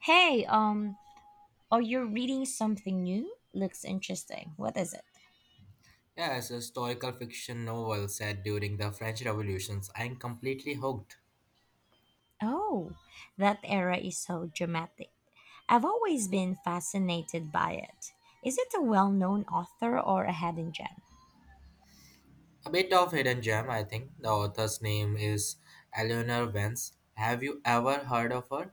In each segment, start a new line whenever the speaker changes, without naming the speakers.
Hey, are you reading something new? Looks interesting. What is it?
Yes, historical fiction novel set during the French Revolutions. I am completely hooked.
Oh, that era is so dramatic. I've always been fascinated by it. Is it a well known author or a hidden gem?
A bit of hidden gem, I think. The author's name is Eleanor Vance. Have you ever heard of her?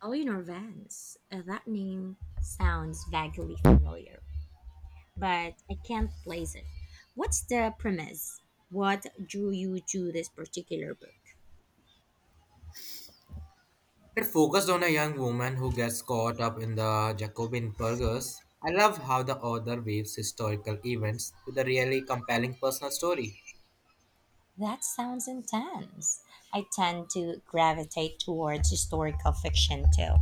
Eleanor Vance. That name sounds vaguely familiar, but I can't place it. What's the premise? What drew you to this particular book?
It focused on a young woman who gets caught up in the Jacobin burgers. I love how the author weaves historical events with a really compelling personal story.
That sounds intense. I tend to gravitate towards historical fiction too,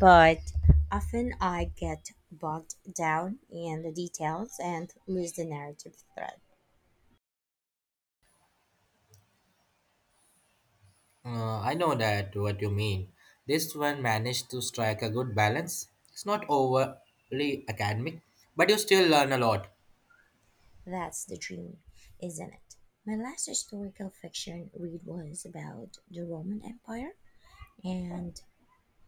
but often I get bogged down in the details and lose the narrative thread.
I know that what you mean. This one managed to strike a good balance. It's not overly academic, but you still learn a lot.
That's the dream, isn't it? My last historical fiction read was about the Roman Empire, and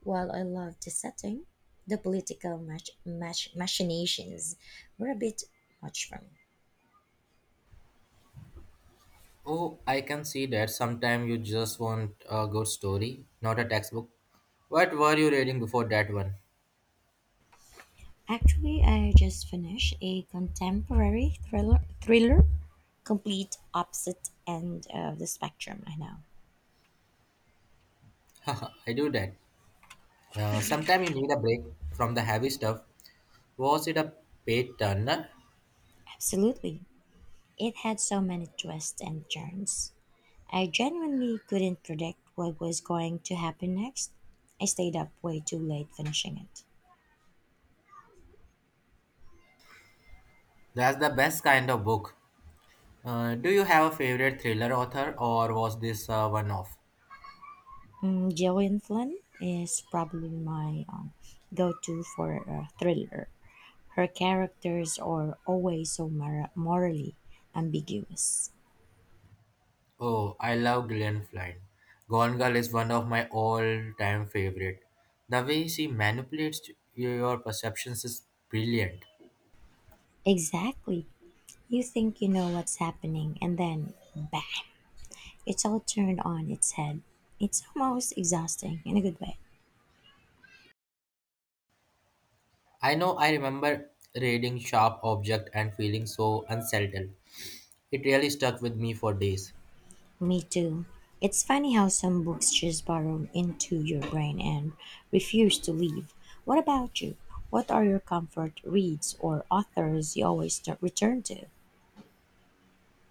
while I loved the setting, the political machinations were a bit much for me.
Oh, I can see that. Sometimes you just want a good story, not a textbook. What were you reading before that one?
Actually, I just finished a contemporary thriller, complete opposite end of the spectrum. I know.
I do that. Sometimes you need a break from the heavy stuff. Was it a page turner?
Absolutely. It had so many twists and turns. I genuinely couldn't predict what was going to happen next. I stayed up way too late finishing it.
That's the best kind of book. Do you have a favorite thriller author or was this one off?
Mm, Gillian Flynn is probably my go to for a thriller. Her characters are always so morally ambiguous.
Oh, I love Gillian Flynn. Gone Girl is one of my all-time favorite. The way she manipulates your perceptions is brilliant.
Exactly. You think you know what's happening, and then bang, it's all turned on its head. It's almost exhausting in a good way.
I know I remember reading sharp object and feeling so unsettled. It really stuck with me for days.
Me too. It's funny how some books just burrow into your brain and refuse to leave. What about you? What are your comfort reads or authors you always return to?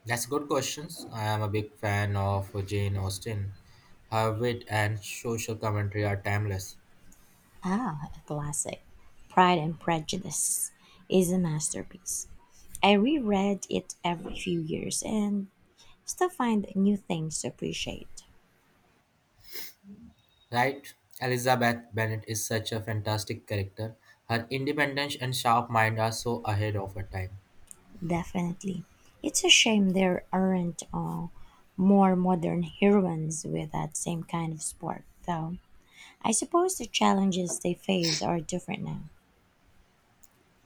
That's good questions. I am a big fan of Jane Austen. Her wit and social commentary are timeless.
Ah, a classic. Pride and Prejudice is a masterpiece. I reread it every few years and still find new things to appreciate.
Right? Elizabeth Bennet is such a fantastic character. Her independence and sharp mind are so ahead of her time.
Definitely. It's a shame there aren't more modern heroines with that same kind of spark, though. I suppose the challenges they face are different now.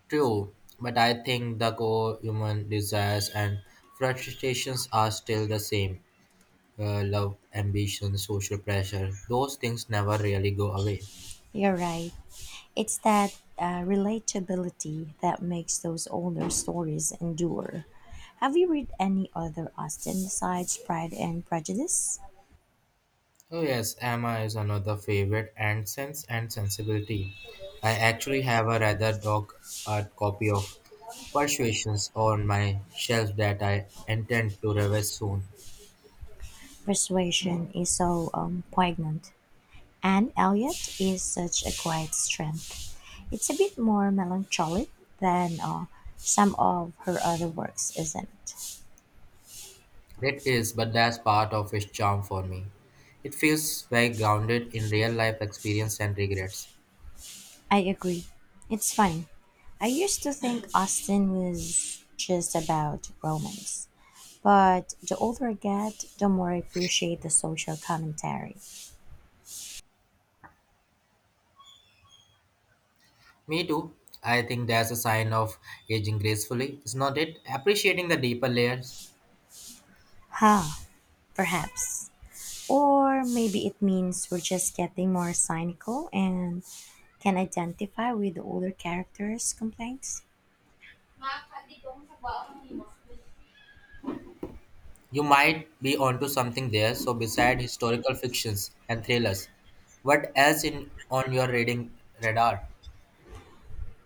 True, but I think the core human desires and frustrations are still the same love, ambition, social pressure, those things never really go away.
You're right. It's that relatability that makes those older stories endure. Have you read any other Austen besides Pride and Prejudice?
Oh yes, Emma is another favorite and Sense and Sensibility. I actually have a rather dog art copy of Persuasions on my shelf that I intend to revise soon.
Persuasion is so poignant, and Eliot is such a quiet strength. It's a bit more melancholic than some of her other works, isn't it?
It is, but that's part of its charm for me. It feels very grounded in real life experience and regrets.
I agree. It's funny. I used to think Austen was just about romance, but the older I get, the more I appreciate the social commentary.
Me too. I think that's a sign of aging gracefully, is not it? Appreciating the deeper layers.
Ha, perhaps. Or maybe it means we're just getting more cynical and can identify with the older characters' complaints.
You might be onto something there. So, beside historical fictions and thrillers, what else in on your reading radar?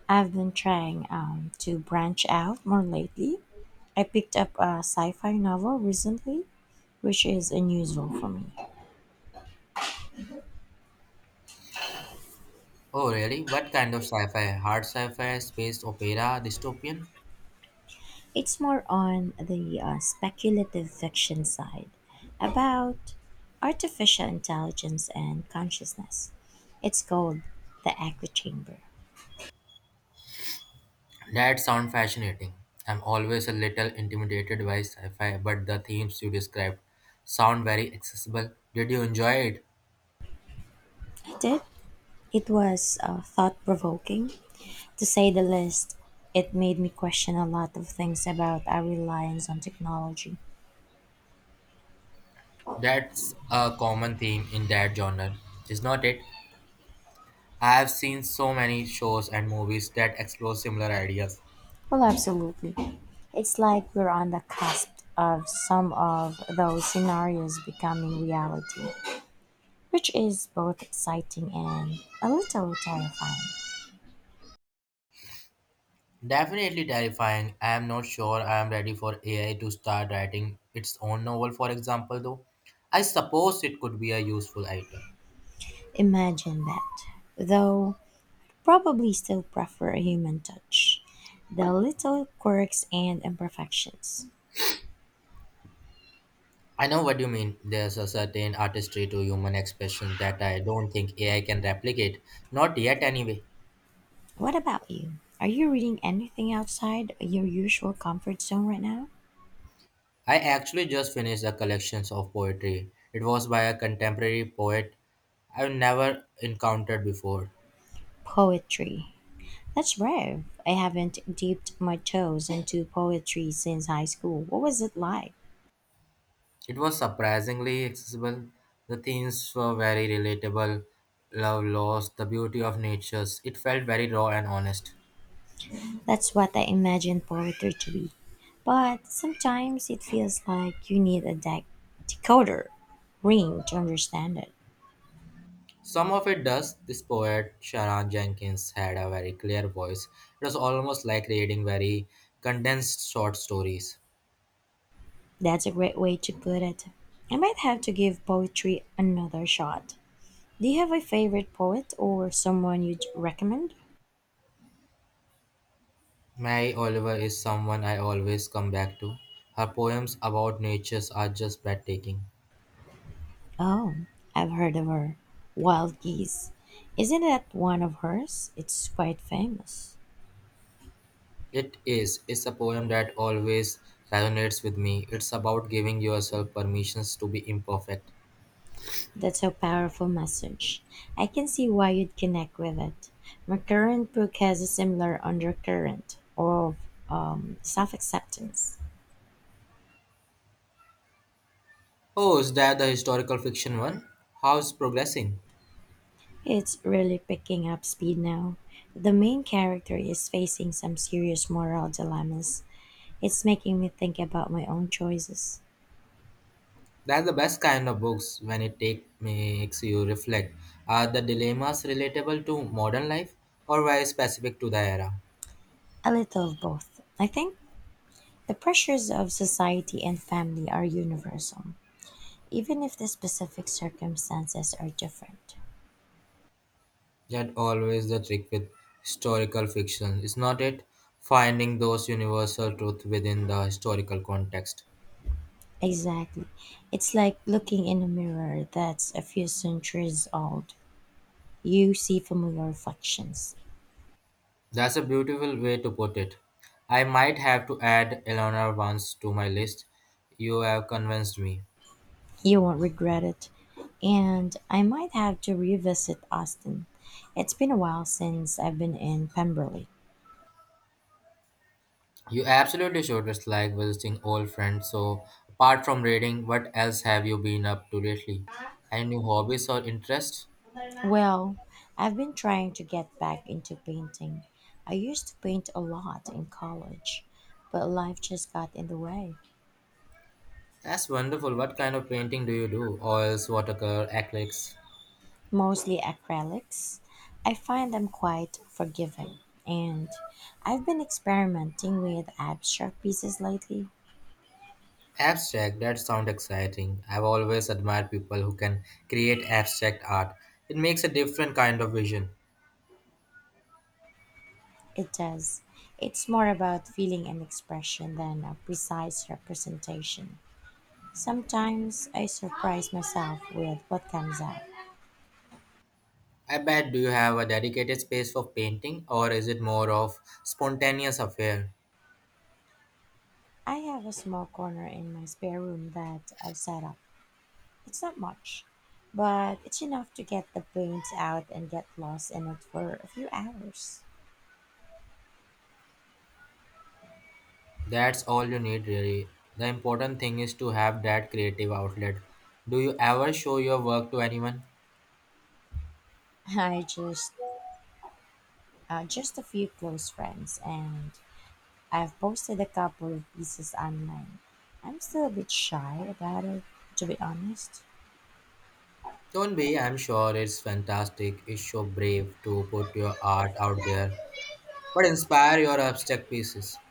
I've been trying to branch out more lately. I picked up a sci fi novel recently, which is unusual for me.
Oh, really? What kind of sci-fi? Hard sci-fi, space opera, dystopian?
It's more on the speculative fiction side about artificial intelligence and consciousness. It's called The Echo Chamber.
That sounds fascinating. I'm always a little intimidated by sci-fi, but the themes you described sound very accessible. Did you enjoy it?
I did. It was thought provoking. To say the least, it made me question a lot of things about our reliance on technology.
That's a common theme in that genre, is not it? I have seen so many shows and movies that explore similar ideas.
Well, absolutely. It's like we're on the cusp of some of those scenarios becoming reality, which is both exciting and a little terrifying.
Definitely terrifying. I am not sure I am ready for AI to start writing its own novel, for example, though. I suppose it could be a useful item.
Imagine that, though probably still prefer a human touch, the little quirks and imperfections.
I know what you mean. There's a certain artistry to human expression that I don't think AI can replicate. Not yet, anyway.
What about you? Are you reading anything outside your usual comfort zone right now?
I actually just finished a collection of poetry. It was by a contemporary poet I've never encountered before.
Poetry. That's brave. I haven't dipped my toes into poetry since high school. What was it like?
It was surprisingly accessible. The themes were very relatable love, loss, the beauty of natures. It felt very raw and honest.
That's what I imagined poetry to be. But sometimes it feels like you need a decoder ring to understand it.
Some of it does. This poet, Sharon Jenkins, had a very clear voice. It was almost like reading very condensed short stories.
That's a great way to put it. I might have to give poetry another shot. Do you have a favorite poet or someone you'd recommend?
Mary Oliver is someone I always come back to. Her poems about natures are just breathtaking.
Oh, I've heard of her. Wild Geese. Isn't that one of hers? It's quite famous.
It is. It's a poem that always resonates with me. It's about giving yourself permissions to be imperfect.
That's a powerful message. I can see why you'd connect with it. My current book has a similar undercurrent of self acceptance.
Oh, is that the historical fiction one? How's progressing?
It's really picking up speed now. The main character is facing some serious moral dilemmas. It's making me think about my own choices.
That's the best kind of books when it take, makes you reflect. Are the dilemmas relatable to modern life or very specific to the era?
A little of both. I think the pressures of society and family are universal, even if the specific circumstances are different.
That always the trick with historical fiction, is not it? Finding those universal truth within the historical context.
Exactly. It's like looking in a mirror that's a few centuries old. You see familiar reflections.
That's a beautiful way to put it. I might have to add Eleanor once to my list. You have convinced me.
You won't regret it. And I might have to revisit Austin. It's been a while since I've been in Pemberley.
You absolutely should. It's like visiting old friends. So, apart from reading, what else have you been up to lately? Any new hobbies or interests?
Well, I've been trying to get back into painting. I used to paint a lot in college, but life just got in the way.
That's wonderful. What kind of painting do you do? Oils, watercolor, acrylics?
Mostly acrylics. I find them quite forgiving, and I've been experimenting with abstract pieces lately.
Abstract. That sounds exciting. I've always admired people who can create abstract art. It makes a different kind of vision.
It does. It's more about feeling and expression than a precise representation. Sometimes I surprise myself with what comes out.
I bet. Do you have a dedicated space for painting, or is it more of spontaneous affair?
I have a small corner in my spare room that I've set up. It's not much, but it's enough to get the paints out and get lost in it for a few hours.
That's all you need, really. The important thing is to have that creative outlet. Do you ever show your work to anyone?
I just a few close friends, and I've posted a couple of pieces online. I'm still a bit shy about it, to be honest.
Don't be, I'm sure it's fantastic. It's so brave to put your art out there, but inspire your abstract pieces.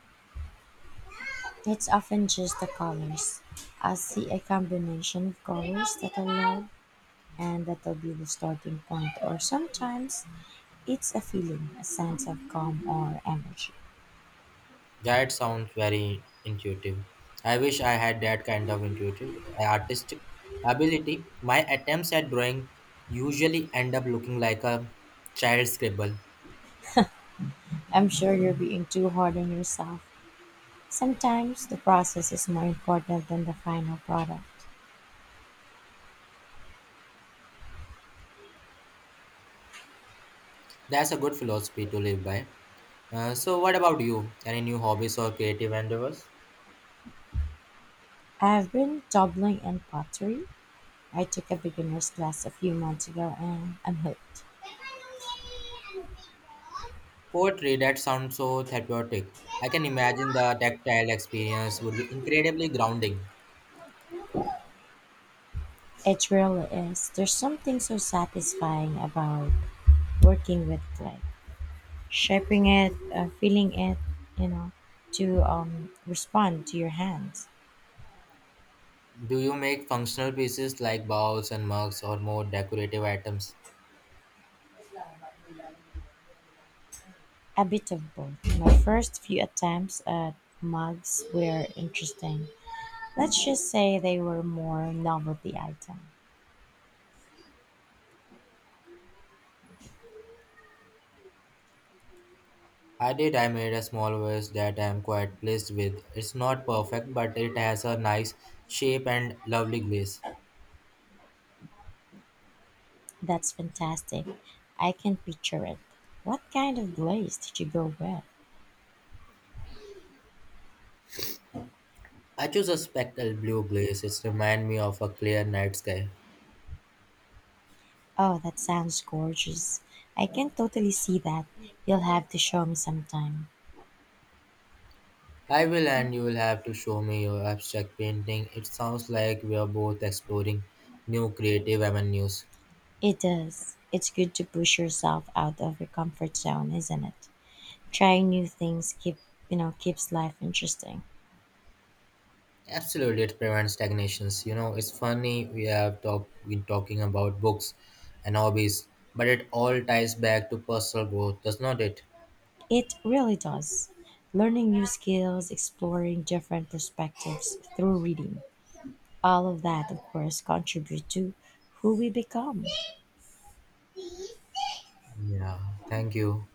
It's often just the colors. I see a combination of colors that I love, and that'll be the starting point, or sometimes it's a feeling, a sense of calm or energy.
That sounds very intuitive. I wish I had that kind of intuitive artistic ability. My attempts at drawing usually end up looking like a child's scribble.
I'm sure you're being too hard on yourself. Sometimes the process is more important than the final product.
That's a good philosophy to live by. So, what about you? Any new hobbies or creative endeavors?
I've been dabbling in pottery. I took a beginner's class a few months ago and I'm hooked.
Poetry, that sounds so therapeutic. I can imagine the tactile experience would be incredibly grounding.
It really is. There's something so satisfying about working with clay, shaping it, feeling it, you know, to respond to your hands.
Do you make functional pieces like bowls and mugs or more decorative items?
A bit of both. My first few attempts at mugs were interesting. Let's just say they were more novelty item.
I did. I made a small vase that I am quite pleased with. It's not perfect, but it has a nice shape and lovely glaze.
That's fantastic. I can picture it. What kind of glaze did you go with?
I chose a speckled blue glaze. It reminds me of a clear night sky.
Oh, that sounds gorgeous. I can totally see that. You'll have to show me sometime.
I will, and you will have to show me your abstract painting. It sounds like we are both exploring new creative avenues.
It does. It's good to push yourself out of your comfort zone, isn't it? Trying new things keeps life interesting.
Absolutely, it prevents stagnations. You know, it's funny we have talk, been talking about books and hobbies, but it all ties back to personal growth, does not it?
It really does. Learning new skills, exploring different perspectives through reading. All of that, of course, contribute to who we become.
Yeah, thank you.